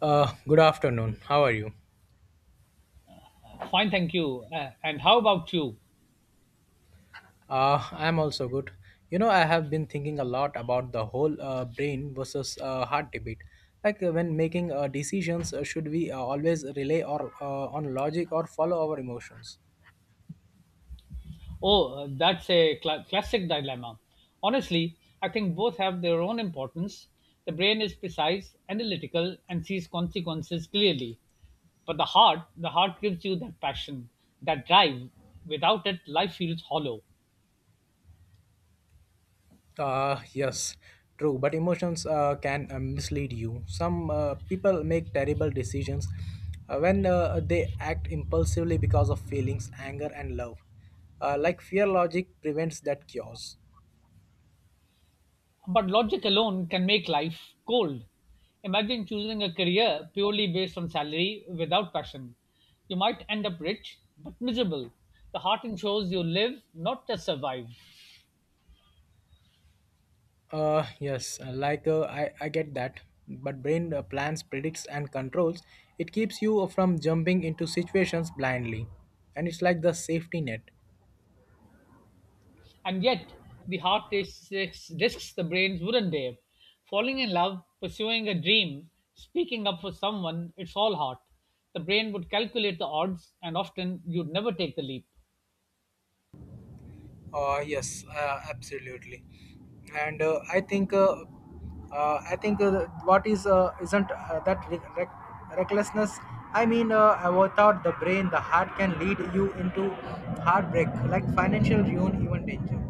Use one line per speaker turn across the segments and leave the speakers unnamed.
Good afternoon. How are you?
Fine, thank you. And how about you?
I'm also good. I have been thinking a lot about the whole brain versus heart debate. Like, when making decisions, should we always rely or on logic or follow our emotions?
Oh, that's a classic dilemma. Honestly, I think both have their own importance. The brain is precise, analytical, and sees consequences clearly. But the heart gives you that passion, that drive. Without it, life feels hollow.
Yes, true. But emotions can mislead you. Some people make terrible decisions when they act impulsively because of feelings, anger, and love. Like fear, logic prevents that chaos.
But logic alone can make life cold. Imagine choosing a career purely based on salary without passion. You might end up rich, but miserable. The heart ensures you live, not just survive.
Yes, like I get that. But brain plans, predicts, and controls. It keeps you from jumping into situations blindly, and it's like the safety net.
And yet, the risks the brains wouldn't dare. Falling in love, pursuing a dream, speaking up for someone, it's all heart. The brain would calculate the odds, and often you'd never take the leap.
Yes, absolutely. And I think what is isn't that recklessness? I mean, without the brain, the heart can lead you into heartbreak, like financial ruin, even danger.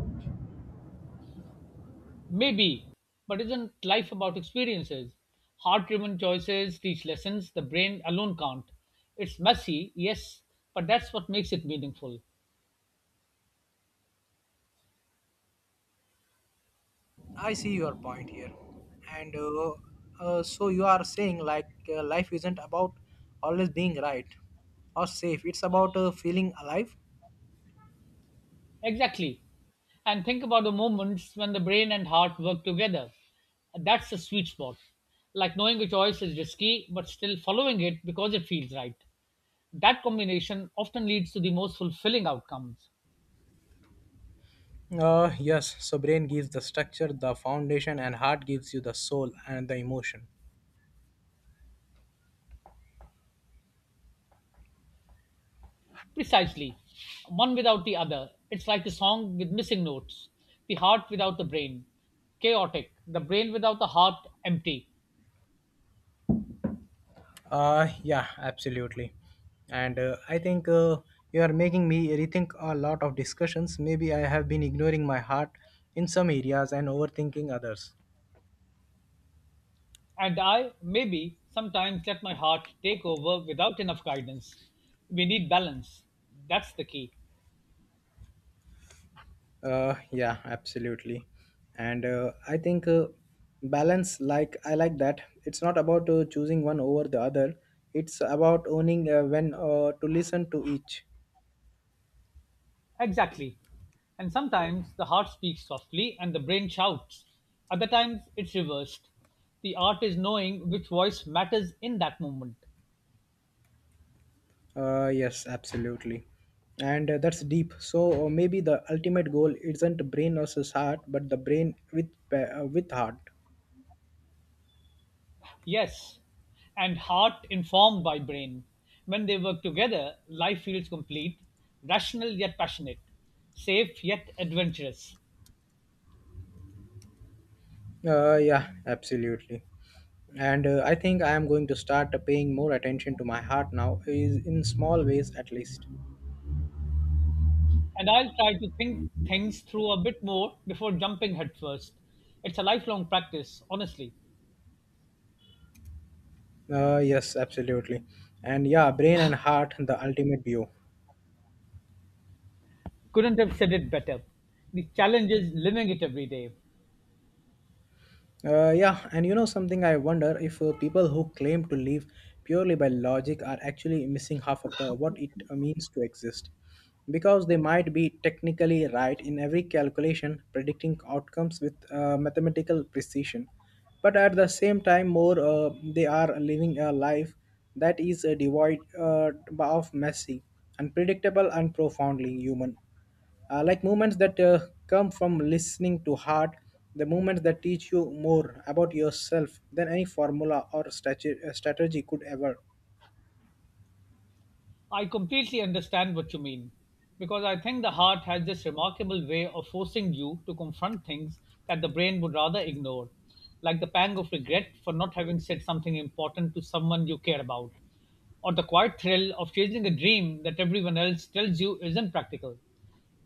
Maybe, but isn't life about experiences? Heart driven choices teach lessons the brain alone can't. It's messy, yes, but that's what makes it meaningful.
I see your point here. And so you are saying, like, life isn't about always being right or safe. It's about feeling alive.
Exactly. And think about the moments when the brain and heart work together. That's the sweet spot. Like knowing a choice is risky, but still following it because it feels right. That combination often leads to the most fulfilling outcomes.
Yes. So brain gives the structure, the foundation, and heart gives you the soul and the emotion.
Precisely. One without the other. It's like a song with missing notes. The heart without the brain. Chaotic. The brain without the heart, empty.
Yeah, absolutely. And I think you are making me rethink a lot of discussions. Maybe I have been ignoring my heart in some areas and overthinking others.
And I, maybe, sometimes let my heart take over without enough guidance. We need balance. That's the key.
Yeah, absolutely. And I think balance, like, I like that. It's not about choosing one over the other. It's about owning when to listen to each.
Exactly. And sometimes the heart speaks softly and the brain shouts. Other times it's reversed. The art is knowing which voice matters in that moment.
Yes, absolutely. And that's deep. So maybe the ultimate goal isn't brain versus heart, but the brain with with heart.
Yes, and heart informed by brain. When they work together, life feels complete, rational yet passionate, safe yet adventurous.
Yeah, absolutely. And I think I am going to start paying more attention to my heart now, is in small ways at least.
And I'll try to think things through a bit more before jumping headfirst. It's a lifelong practice, honestly.
Yes, absolutely. And yeah, brain and heart, the ultimate view.
Couldn't have said it better. The challenge is living it every day.
Yeah, and you know something, I wonder if people who claim to live purely by logic are actually missing half of the what it means to exist. Because they might be technically right in every calculation, predicting outcomes with mathematical precision, but at the same time, more they are living a life that is devoid of messy, unpredictable, and profoundly human. Like movements that come from listening to heart, the movements that teach you more about yourself than any formula or strategy could ever
I completely understand what you mean because I think the heart has this remarkable way of forcing you to confront things that the brain would rather ignore, like the pang of regret for not having said something important to someone you care about, or the quiet thrill of chasing a dream that everyone else tells you isn't practical.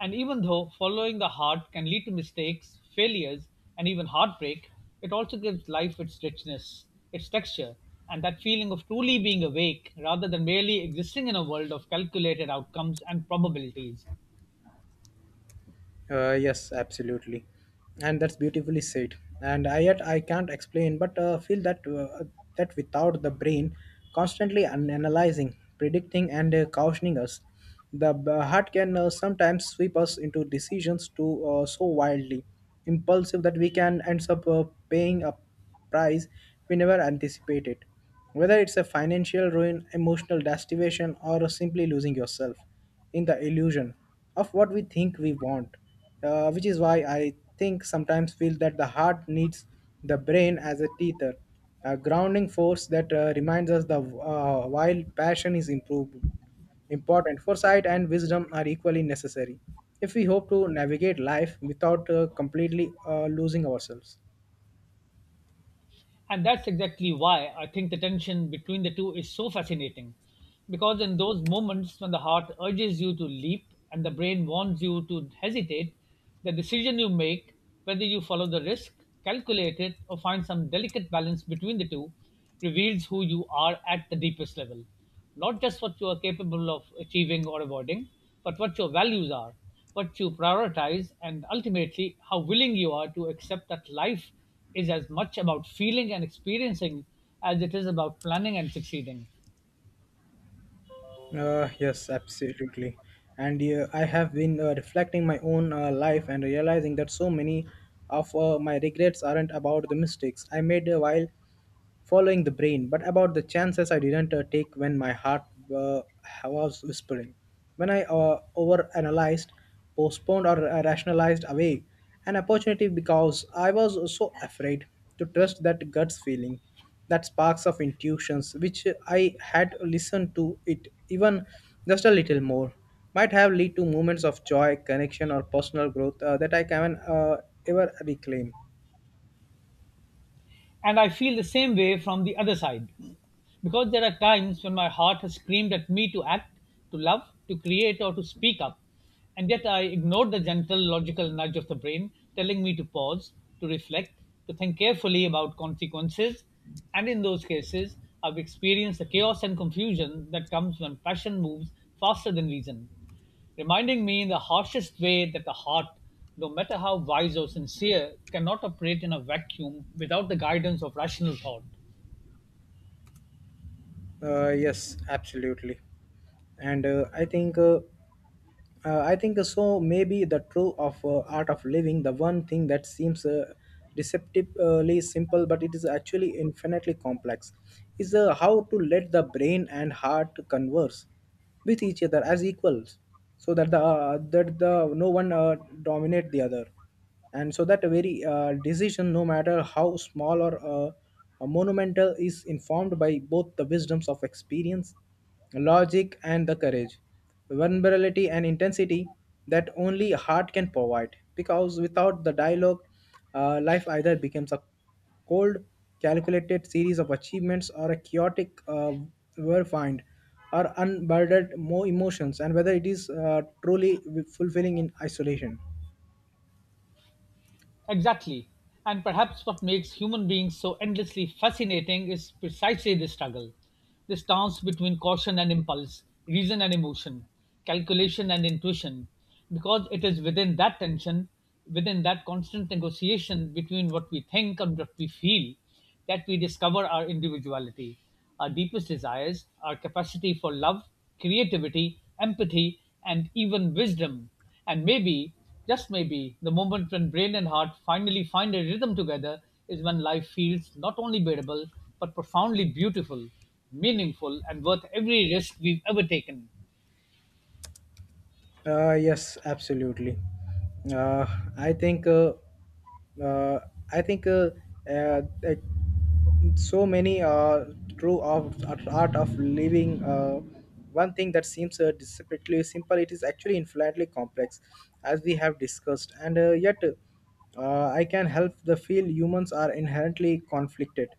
And even though following the heart can lead to mistakes, failures, and even heartbreak, it also gives life its richness, its texture, and that feeling of truly being awake rather than merely existing in a world of calculated outcomes and probabilities.
yes, absolutely. And that's beautifully said. And I, yet I can't explain, but feel that without the brain constantly analyzing, predicting, and cautioning us, the heart can sometimes sweep us into decisions to so wildly impulsive that we can end up paying up price we never anticipated. Whether it's a financial ruin, emotional deprivation, or simply losing yourself in the illusion of what we think we want, which is why I think sometimes feel that the heart needs the brain as a teether, a grounding force that reminds us the, while passion is improved important. Foresight and wisdom are equally necessary if we hope to navigate life without completely losing ourselves.
And that's exactly why I think the tension between the two is so fascinating. Because in those moments when the heart urges you to leap and the brain warns you to hesitate, the decision you make, whether you follow the risk, calculate it, or find some delicate balance between the two, reveals who you are at the deepest level. Not just what you are capable of achieving or avoiding, but what your values are, what you prioritize, and ultimately how willing you are to accept that life is as much about feeling and experiencing as it is about planning and succeeding.
Yes, absolutely. And I have been reflecting my own life and realizing that so many of my regrets aren't about the mistakes I made while following the brain, but about the chances I didn't take when my heart uh, was whispering. When I overanalyzed, postponed, or rationalized away an opportunity because I was so afraid to trust that gut's feeling, that sparks of intuitions which I had listened to it, even just a little more, might have led to moments of joy, connection, or personal growth that I can ever reclaim.
And I feel the same way from the other side. Because there are times when my heart has screamed at me to act, to love, to create, or to speak up. And yet I ignored the gentle logical nudge of the brain telling me to pause, to reflect, to think carefully about consequences. And in those cases, I've experienced the chaos and confusion that comes when passion moves faster than reason, reminding me in the harshest way that the heart, no matter how wise or sincere, cannot operate in a vacuum without the guidance of rational thought.
Yes, absolutely. And I think so. Maybe the true of art of living, the one thing that seems deceptively simple, but it is actually infinitely complex, is how to let the brain and heart converse with each other as equals, so that the no one dominate the other, and so that very decision, no matter how small or monumental, is informed by both the wisdoms of experience, logic, and the courage, vulnerability, and intensity that only heart can provide. Because without the dialogue, life either becomes a cold, calculated series of achievements or a chaotic verified or unburdened more emotions, and whether it is truly fulfilling in isolation.
Exactly. And perhaps what makes human beings so endlessly fascinating is precisely this struggle, this dance between caution and impulse, reason and emotion, calculation and intuition, because it is within that tension, within that constant negotiation between what we think and what we feel, that we discover our individuality, our deepest desires, our capacity for love, creativity, empathy, and even wisdom. And maybe, just maybe, the moment when brain and heart finally find a rhythm together is when life feels not only bearable, but profoundly beautiful, meaningful, and worth every risk we've ever taken.
Yes, absolutely. Uh, I think uh, uh, I think that so many true of art of living. One thing that seems desperately simple, it is actually infinitely complex, as we have discussed, and yet I can help the feel humans are inherently conflicted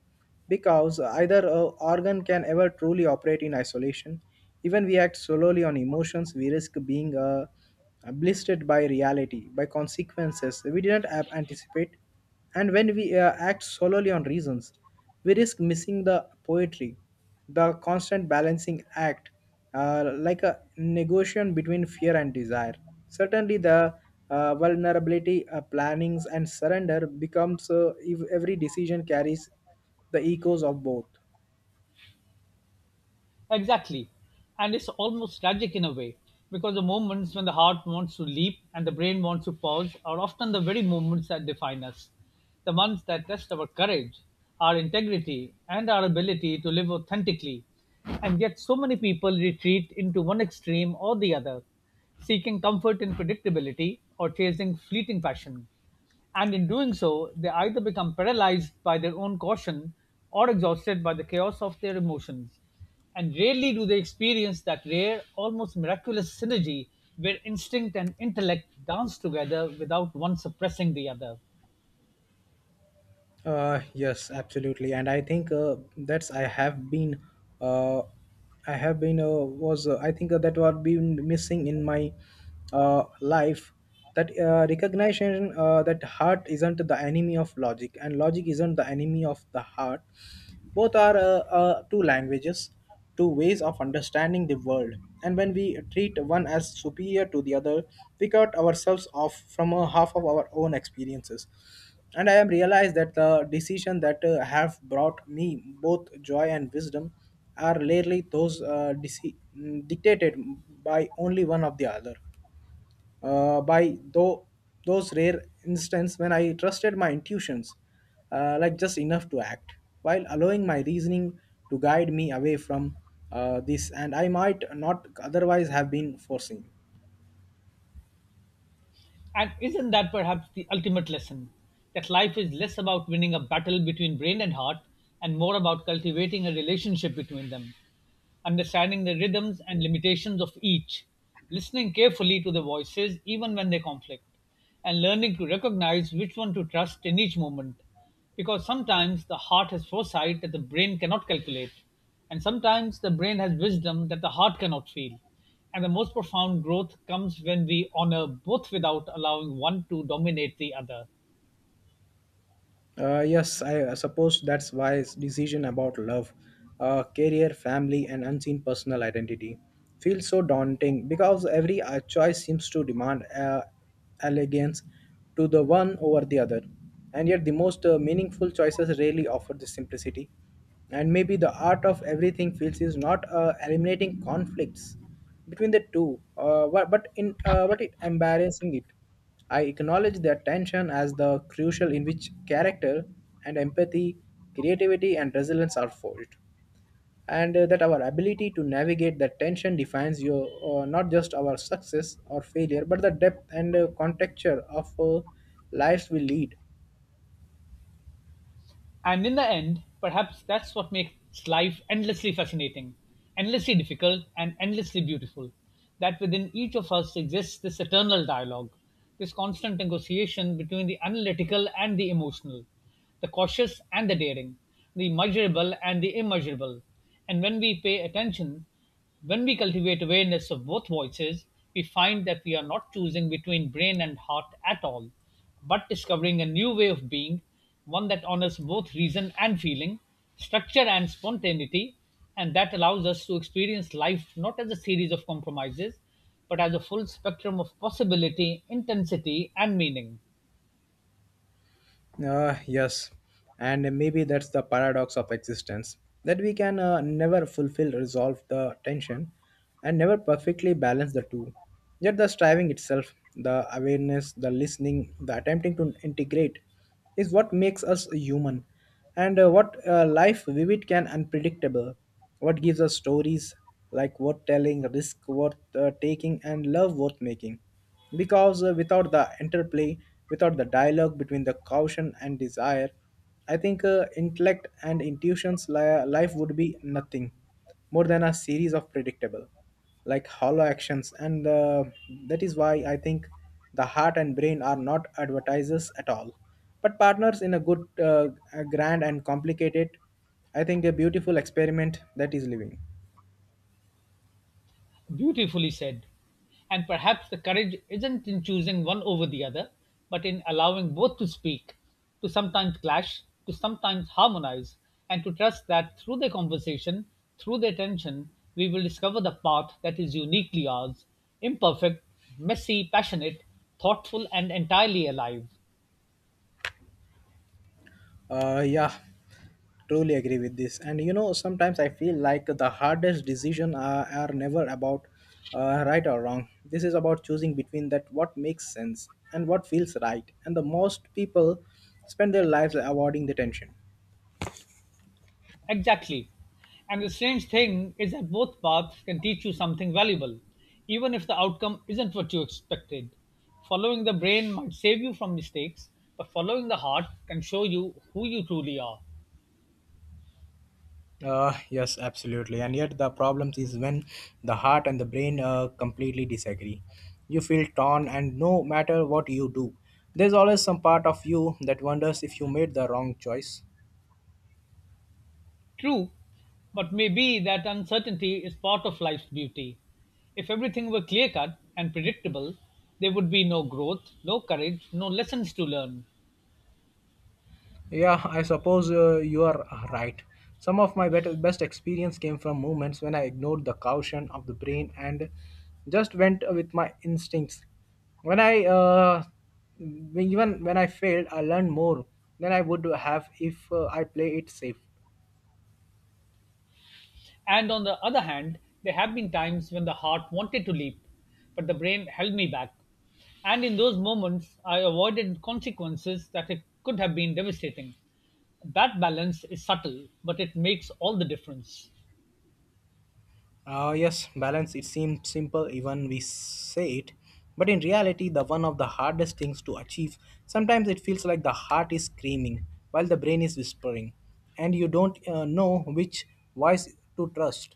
because either organ can ever truly operate in isolation. Even we act solely on emotions, we risk being blistered by reality, by consequences we didn't anticipate. And when we act solely on reasons, we risk missing the poetry, the constant balancing act, like a negotiation between fear and desire. Certainly, the vulnerability, plannings and surrender becomes if every decision carries the echoes of both.
Exactly. And it's almost tragic in a way, because the moments when the heart wants to leap and the brain wants to pause are often the very moments that define us. The ones that test our courage, our integrity, and our ability to live authentically. And yet, so many people retreat into one extreme or the other, seeking comfort in predictability or chasing fleeting passion. And in doing so, they either become paralyzed by their own caution or exhausted by the chaos of their emotions. And rarely do they experience that rare, almost miraculous synergy where instinct and intellect dance together without one suppressing the other.
Yes, absolutely, and I think that's I have been, uh, I have been uh, was I think that what been missing in my life, that recognition, that heart isn't the enemy of logic and logic isn't the enemy of the heart. Both are two languages. Two ways of understanding the world. And when we treat one as superior to the other, we cut ourselves off from a half of our own experiences. And I am realized that the decision that have brought me both joy and wisdom are rarely those dictated by only one of the other, by though those rare instances when I trusted my intuitions, like just enough to act, while allowing my reasoning to guide me away from this, and I might not otherwise have been foreseen.
And isn't that perhaps the ultimate lesson? That life is less about winning a battle between brain and heart and more about cultivating a relationship between them, understanding the rhythms and limitations of each, listening carefully to the voices even when they conflict, and learning to recognize which one to trust in each moment, because sometimes the heart has foresight that the brain cannot calculate, and sometimes the brain has wisdom that the heart cannot feel. And the most profound growth comes when we honor both without allowing one to dominate the other.
Yes, I suppose that's why his decision about love, career, family, and unseen personal identity feels so daunting, because every choice seems to demand allegiance to the one over the other. And yet, the most meaningful choices rarely offer this simplicity. And maybe the art of everything feels is not eliminating conflicts between the two, but in but it embarrassing it. I acknowledge that tension as the crucial in which character and empathy, creativity, and resilience are forged, and that our ability to navigate that tension defines your, not just our success or failure, but the depth and contexture of lives we lead.
And in the end, perhaps that's what makes life endlessly fascinating, endlessly difficult, and endlessly beautiful. That within each of us exists this eternal dialogue, this constant negotiation between the analytical and the emotional, the cautious and the daring, the measurable and the immeasurable. And when we pay attention, when we cultivate awareness of both voices, we find that we are not choosing between brain and heart at all, but discovering a new way of being, one that honors both reason and feeling, structure and spontaneity, and that allows us to experience life not as a series of compromises, but as a full spectrum of possibility, intensity, and meaning.
Yes, and maybe that's the paradox of existence, that we can never fulfill, resolve the tension, and never perfectly balance the two. Yet, the striving itself, the awareness, the listening, the attempting to integrate is what makes us human, and what life vivid can unpredictable, what gives us stories, like, worth telling, risk worth taking, and love worth making, because without the interplay, without the dialogue between the caution and desire, I think intellect and intuitions, life would be nothing more than a series of predictable, like, hollow actions, and that is why I think the heart and brain are not advertisers at all, but partners in a good, a grand and complicated, I think, a beautiful experiment that is living.
Beautifully said. And perhaps the courage isn't in choosing one over the other, but in allowing both to speak, to sometimes clash, to sometimes harmonize, and to trust that through their conversation, through their tension, we will discover the path that is uniquely ours, imperfect, messy, passionate, thoughtful, and entirely alive.
Yeah, truly agree with this. And sometimes I feel like the hardest decision are never about right or wrong. This is about choosing between that what makes sense and what feels right, and the most people spend their lives avoiding the tension.
Exactly. And the strange thing is that both paths can teach you something valuable, even if the outcome isn't what you expected. Following the brain might save you from mistakes, but following the heart can show you who you truly are.
Yes, absolutely. And yet, the problem is when the heart and the brain completely disagree. You feel torn, and no matter what you do, there's always some part of you that wonders if you made the wrong choice.
True, but maybe that uncertainty is part of life's beauty. If everything were clear cut and predictable, there would be no growth, no courage, no lessons to learn.
Yeah, I suppose you are right. Some of my best experience came from moments when I ignored the caution of the brain and just went with my instincts. When I uh, Even when I failed, I learned more than I would have if I play it safe.
And on the other hand, there have been times when the heart wanted to leap, but the brain held me back. And in those moments, I avoided consequences that it could have been devastating. That balance is subtle, but it makes all the difference.
Yes, balance. It seems simple, even we say it. But in reality, the one of the hardest things to achieve. Sometimes it feels like the heart is screaming while the brain is whispering, and you don't know which voice to trust.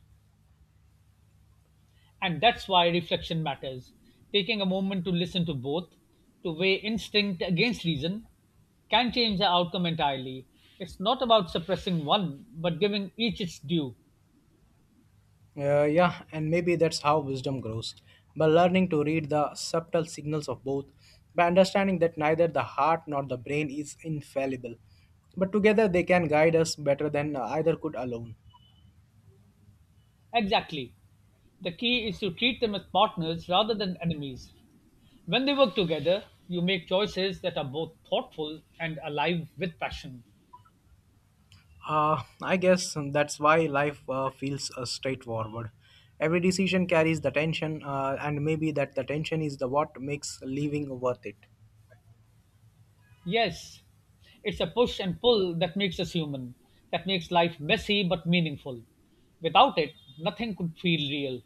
And that's why reflection matters. Taking a moment to listen to both, to weigh instinct against reason, can change the outcome entirely. It's not about suppressing one, but giving each its due.
Yeah, and maybe that's how wisdom grows by learning to read the subtle signals of both, by understanding that neither the heart nor the brain is infallible, but together they can guide us better than either could alone.
Exactly. The key is to treat them as partners rather than enemies. When they work together, you make choices that are both thoughtful and alive with passion.
I guess that's why life feels straightforward. Every decision carries the tension, and maybe that the tension is the what makes living worth it.
Yes, it's a push and pull that makes us human, that makes life messy but meaningful. Without it, nothing could feel real.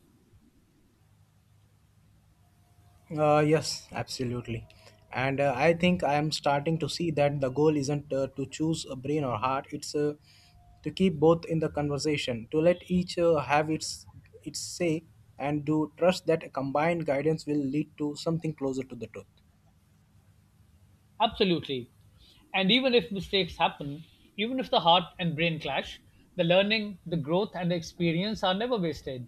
Yes, absolutely. And I think I am starting to see that the goal isn't to choose a brain or heart. It's to keep both in the conversation, to let each have its say, and to trust that a combined guidance will lead to something closer to the truth.
Absolutely. And even if mistakes happen, even if the heart and brain clash, the learning, the growth, and the experience are never wasted.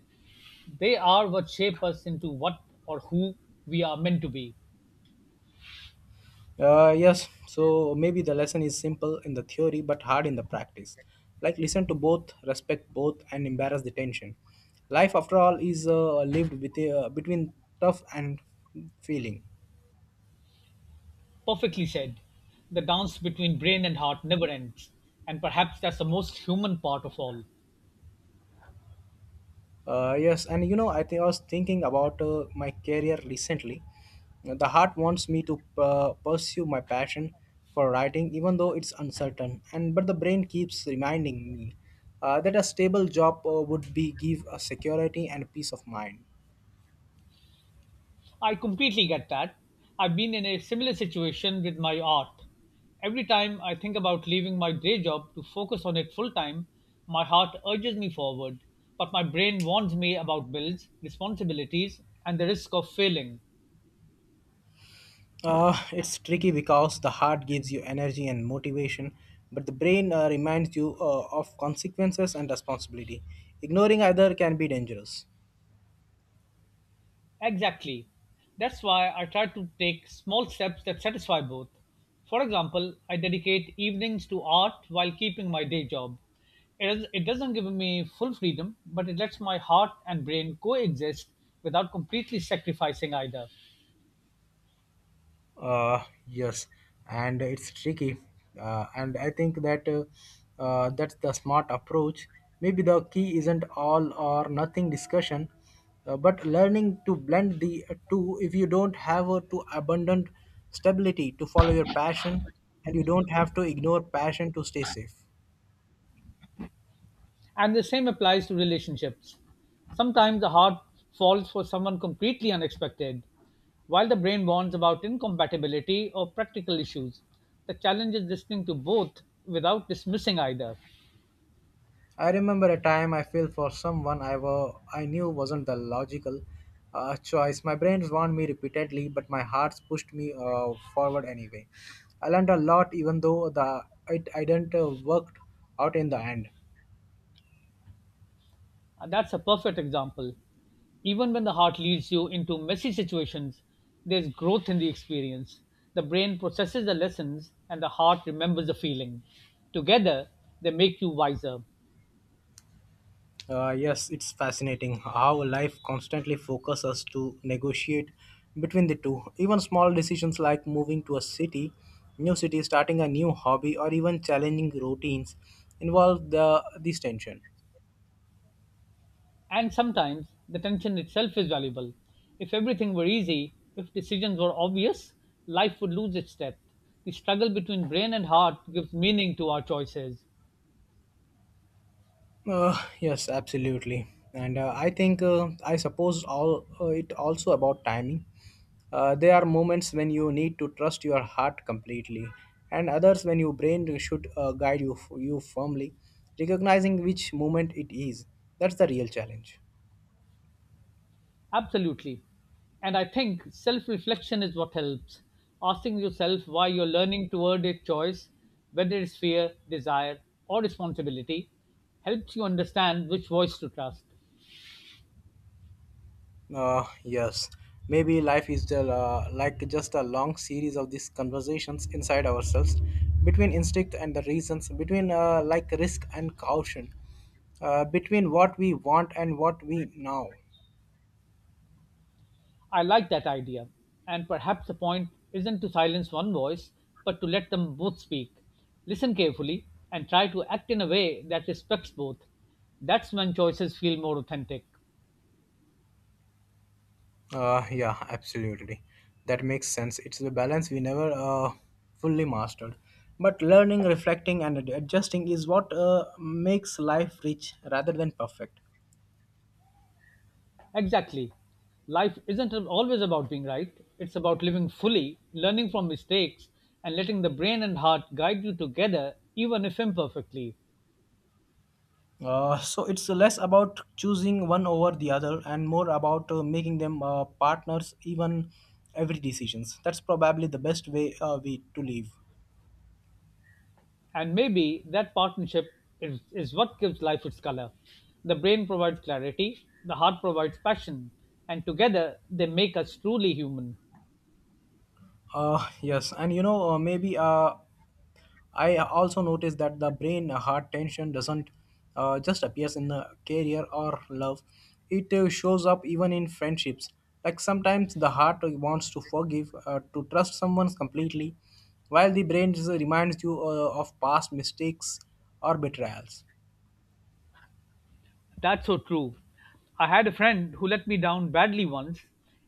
They are what shape us into what or who we are meant to be.
Yes, so maybe the lesson is simple in the theory but hard in the practice. Like listen to both, respect both, and embrace the tension. Life, after all, is lived with, between tough and feeling.
Perfectly said. The dance between brain and heart never ends, and perhaps that's the most human part of all.
Think I was thinking about my career recently. The heart wants me to pursue my passion for writing, even though it's uncertain. And but the brain keeps reminding me that a stable job would be give a security and peace of mind.
I completely get that. I've been in a similar situation with my art. Every time I think about leaving my day job to focus on it full time, my heart urges me forward, but my brain warns me about bills, responsibilities, and the risk of failing.
It's tricky because the heart gives you energy and motivation, but the brain reminds you of consequences and responsibility. Ignoring either can be dangerous.
Exactly. That's why I try to take small steps that satisfy both. For example, I dedicate evenings to art while keeping my day job. It doesn't give me full freedom, but it lets my heart and brain coexist without completely sacrificing either.
Uh, yes, and it's tricky. And I think that that's the smart approach. Maybe the key isn't all or nothing discussion, but learning to blend the two if you don't have a too abundant stability to follow your passion and you don't have to ignore passion to stay safe.
And the same applies to relationships. Sometimes the heart falls for someone completely unexpected, while the brain warns about incompatibility or practical issues. The challenge is listening to both without dismissing either.
I remember a time I fell for someone I knew wasn't the logical choice. My brain warned me repeatedly, but my heart pushed me forward anyway. I learned a lot, even though the it I didn't worked out in the end.
That's a perfect example. Even when the heart leads you into messy situations, there's growth in the experience. The brain processes the lessons and the heart remembers the feeling. Together, they make you wiser.
Yes, it's fascinating how life constantly focuses us to negotiate between the two. Even small decisions like moving to a city, new city, starting a new hobby, or even challenging routines involve the this tension.
And sometimes the tension itself is valuable. If everything were easy, if decisions were obvious, life would lose its depth. The struggle between brain and heart gives meaning to our choices.
Yes, absolutely. And I think I suppose all it also about timing. There are moments when you need to trust your heart completely, and others when your brain should guide you firmly, recognizing which moment it is. That's the real challenge.
Absolutely. And I think self reflection is what helps. Asking yourself why you're learning toward a choice, whether it's fear, desire, or responsibility, helps you understand which voice to trust.
Uh, yes, maybe life is just, just a long series of these conversations inside ourselves, between instinct and the reasons, between risk and caution, between what we want and what we know.
I like that idea. And perhaps the point isn't to silence one voice, but to let them both speak. Listen carefully and try to act in a way that respects both. That's when choices feel more authentic.
Yeah, absolutely. That makes sense. It's the balance we never fully mastered. But learning, reflecting, and adjusting is what makes life rich rather than perfect.
Exactly. Life isn't always about being right, it's about living fully, learning from mistakes, and letting the brain and heart guide you together, even if imperfectly.
So it's less about choosing one over the other and more about making them partners even every decisions that's probably the best way we to live.
And maybe that partnership is what gives life its color. The brain provides clarity, the heart provides passion, and together they make us truly human.
Yes and you know maybe I also noticed that the brain heart tension doesn't just appears in the career or love. It shows up even in friendships. Like sometimes the heart wants to forgive, to trust someone completely, while the brain just reminds you of past mistakes or betrayals.
That's so true. I had a friend who let me down badly once,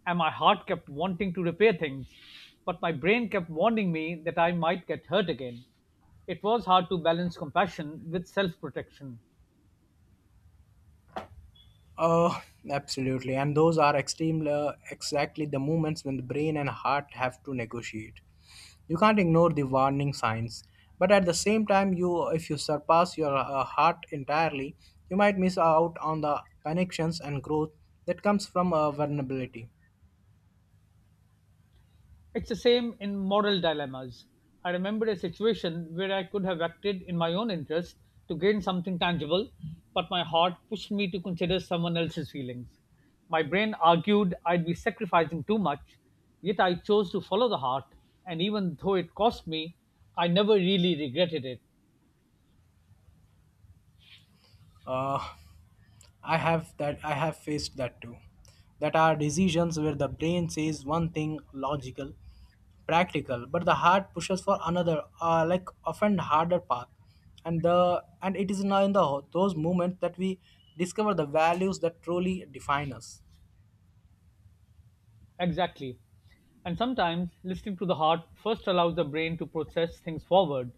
and my heart kept wanting to repair things, but my brain kept warning me that I might get hurt again. It was hard to balance compassion with self protection.
Uh, absolutely. And those are extreme, exactly the moments when the brain and heart have to negotiate. You can't ignore the warning signs, but at the same time, you if you surpass your heart entirely, you might miss out on the connections and growth that comes from vulnerability.
It's the same in moral dilemmas. I remembered a situation where I could have acted in my own interest to gain something tangible, but my heart pushed me to consider someone else's feelings. My brain argued I'd be sacrificing too much, yet I chose to follow the heart, and even though it cost me, I never really regretted it.
Uh, I have faced that too. That are decisions where the brain says one thing logical, practical, but the heart pushes for another, often harder path. And the and it is now in the those moments that we discover the values that truly define us.
Exactly. And sometimes listening to the heart first allows the brain to process things forward,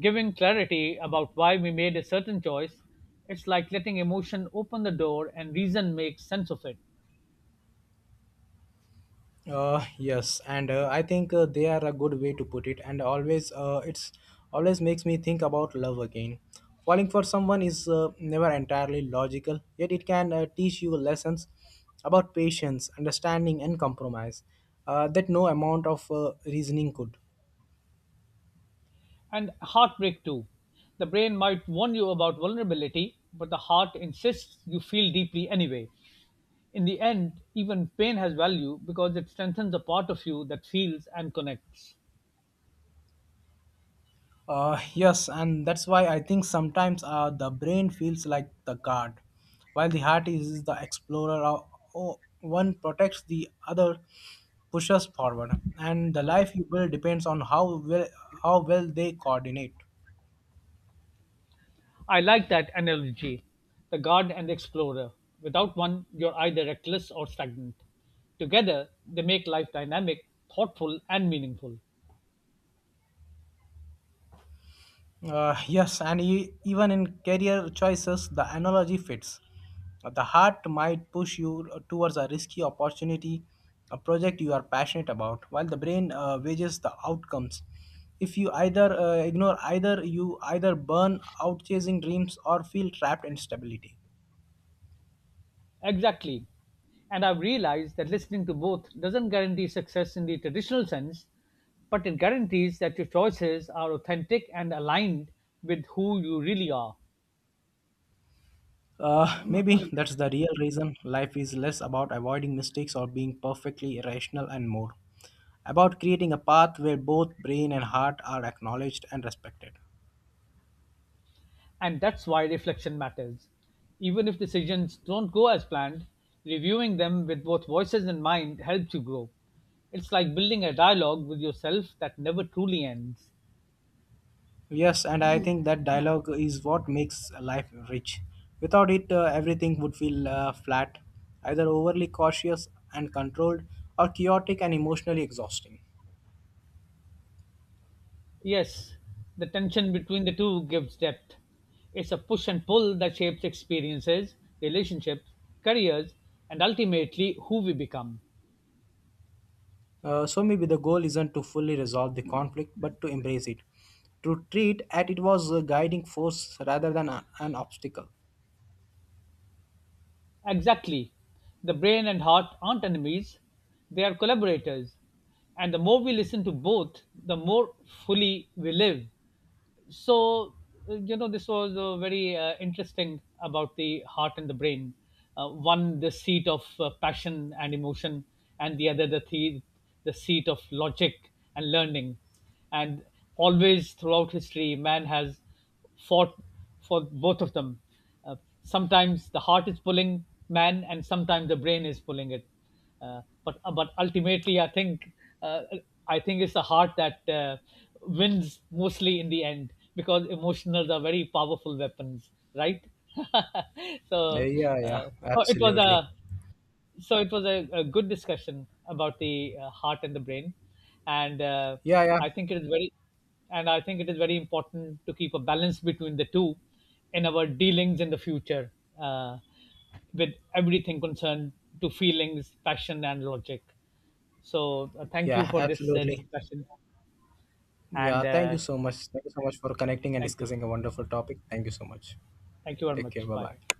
giving clarity about why we made a certain choice. It's like letting emotion open the door and reason make sense of it.
Yes, and I think they are a good way to put it. And always, it's always makes me think about love again. Falling for someone is never entirely logical, yet it can teach you lessons about patience, understanding, and compromise that no amount of reasoning could.
And heartbreak too. The brain might warn you about vulnerability, but the heart insists you feel deeply anyway. In the end, even pain has value because it strengthens a part of you that feels and connects.
Yes, and that's why I think sometimes the brain feels like the guard, while the heart is the explorer. One protects the other, pushes forward, and the life you build depends on how well they coordinate.
I like that analogy, the guard and the explorer. Without one, you're either reckless or stagnant. Together, they make life dynamic, thoughtful, and meaningful.
Yes, and even in career choices, the analogy fits. The heart might push you towards a risky opportunity, a project you are passionate about, while the brain wages the outcomes. If you either ignore either, you either burn out chasing dreams or feel trapped in stability.
Exactly. And I've realized that listening to both doesn't guarantee success in the traditional sense, but it guarantees that your choices are authentic and aligned with who you really are.
Maybe that's the real reason life is less about avoiding mistakes or being perfectly irrational and more about creating a path where both brain and heart are acknowledged and respected.
And that's why reflection matters. Even if decisions don't go as planned, reviewing them with both voices in mind helps you grow. It's like building a dialogue with yourself that never truly ends.
Yes, and I think that dialogue is what makes life rich. Without it, everything would feel flat, either overly cautious and controlled or chaotic and emotionally exhausting.
Yes, the tension between the two gives depth. It's a push and pull that shapes experiences, relationships, careers, and ultimately who we become.
So maybe the goal isn't to fully resolve the conflict, but to embrace it, to treat at it was a guiding force rather than an obstacle.
Exactly. The brain and heart aren't enemies, they are collaborators. And the more we listen to both, the more fully we live. So this was very interesting about the heart and the brain. One the seat of passion and emotion, and the other the the seat of logic and learning. And always throughout history man has fought for both of them. uh, Sometimes the heart is pulling man and sometimes the brain is pulling it. But ultimately I think, uh, I think it's the heart that wins mostly in the end, because emotionals are very powerful weapons, right? so
Yeah,
uh, oh, it was
absolutely.
a it was a good discussion about the heart and the brain. And
Yeah, yeah,
i think it is very I think it is very important to keep a balance between the two in our dealings in the future, uh, with everything concerned to feelings, passion and logic. So thank you
yeah,
for this
absolutely.
discussion.
Yeah,
And
thank you so much. Thank you so much for connecting and
Thank you.
discussing a wonderful topic. Thank you so much.
Thank you very
Take care.
much.
Bye
Bye.
bye.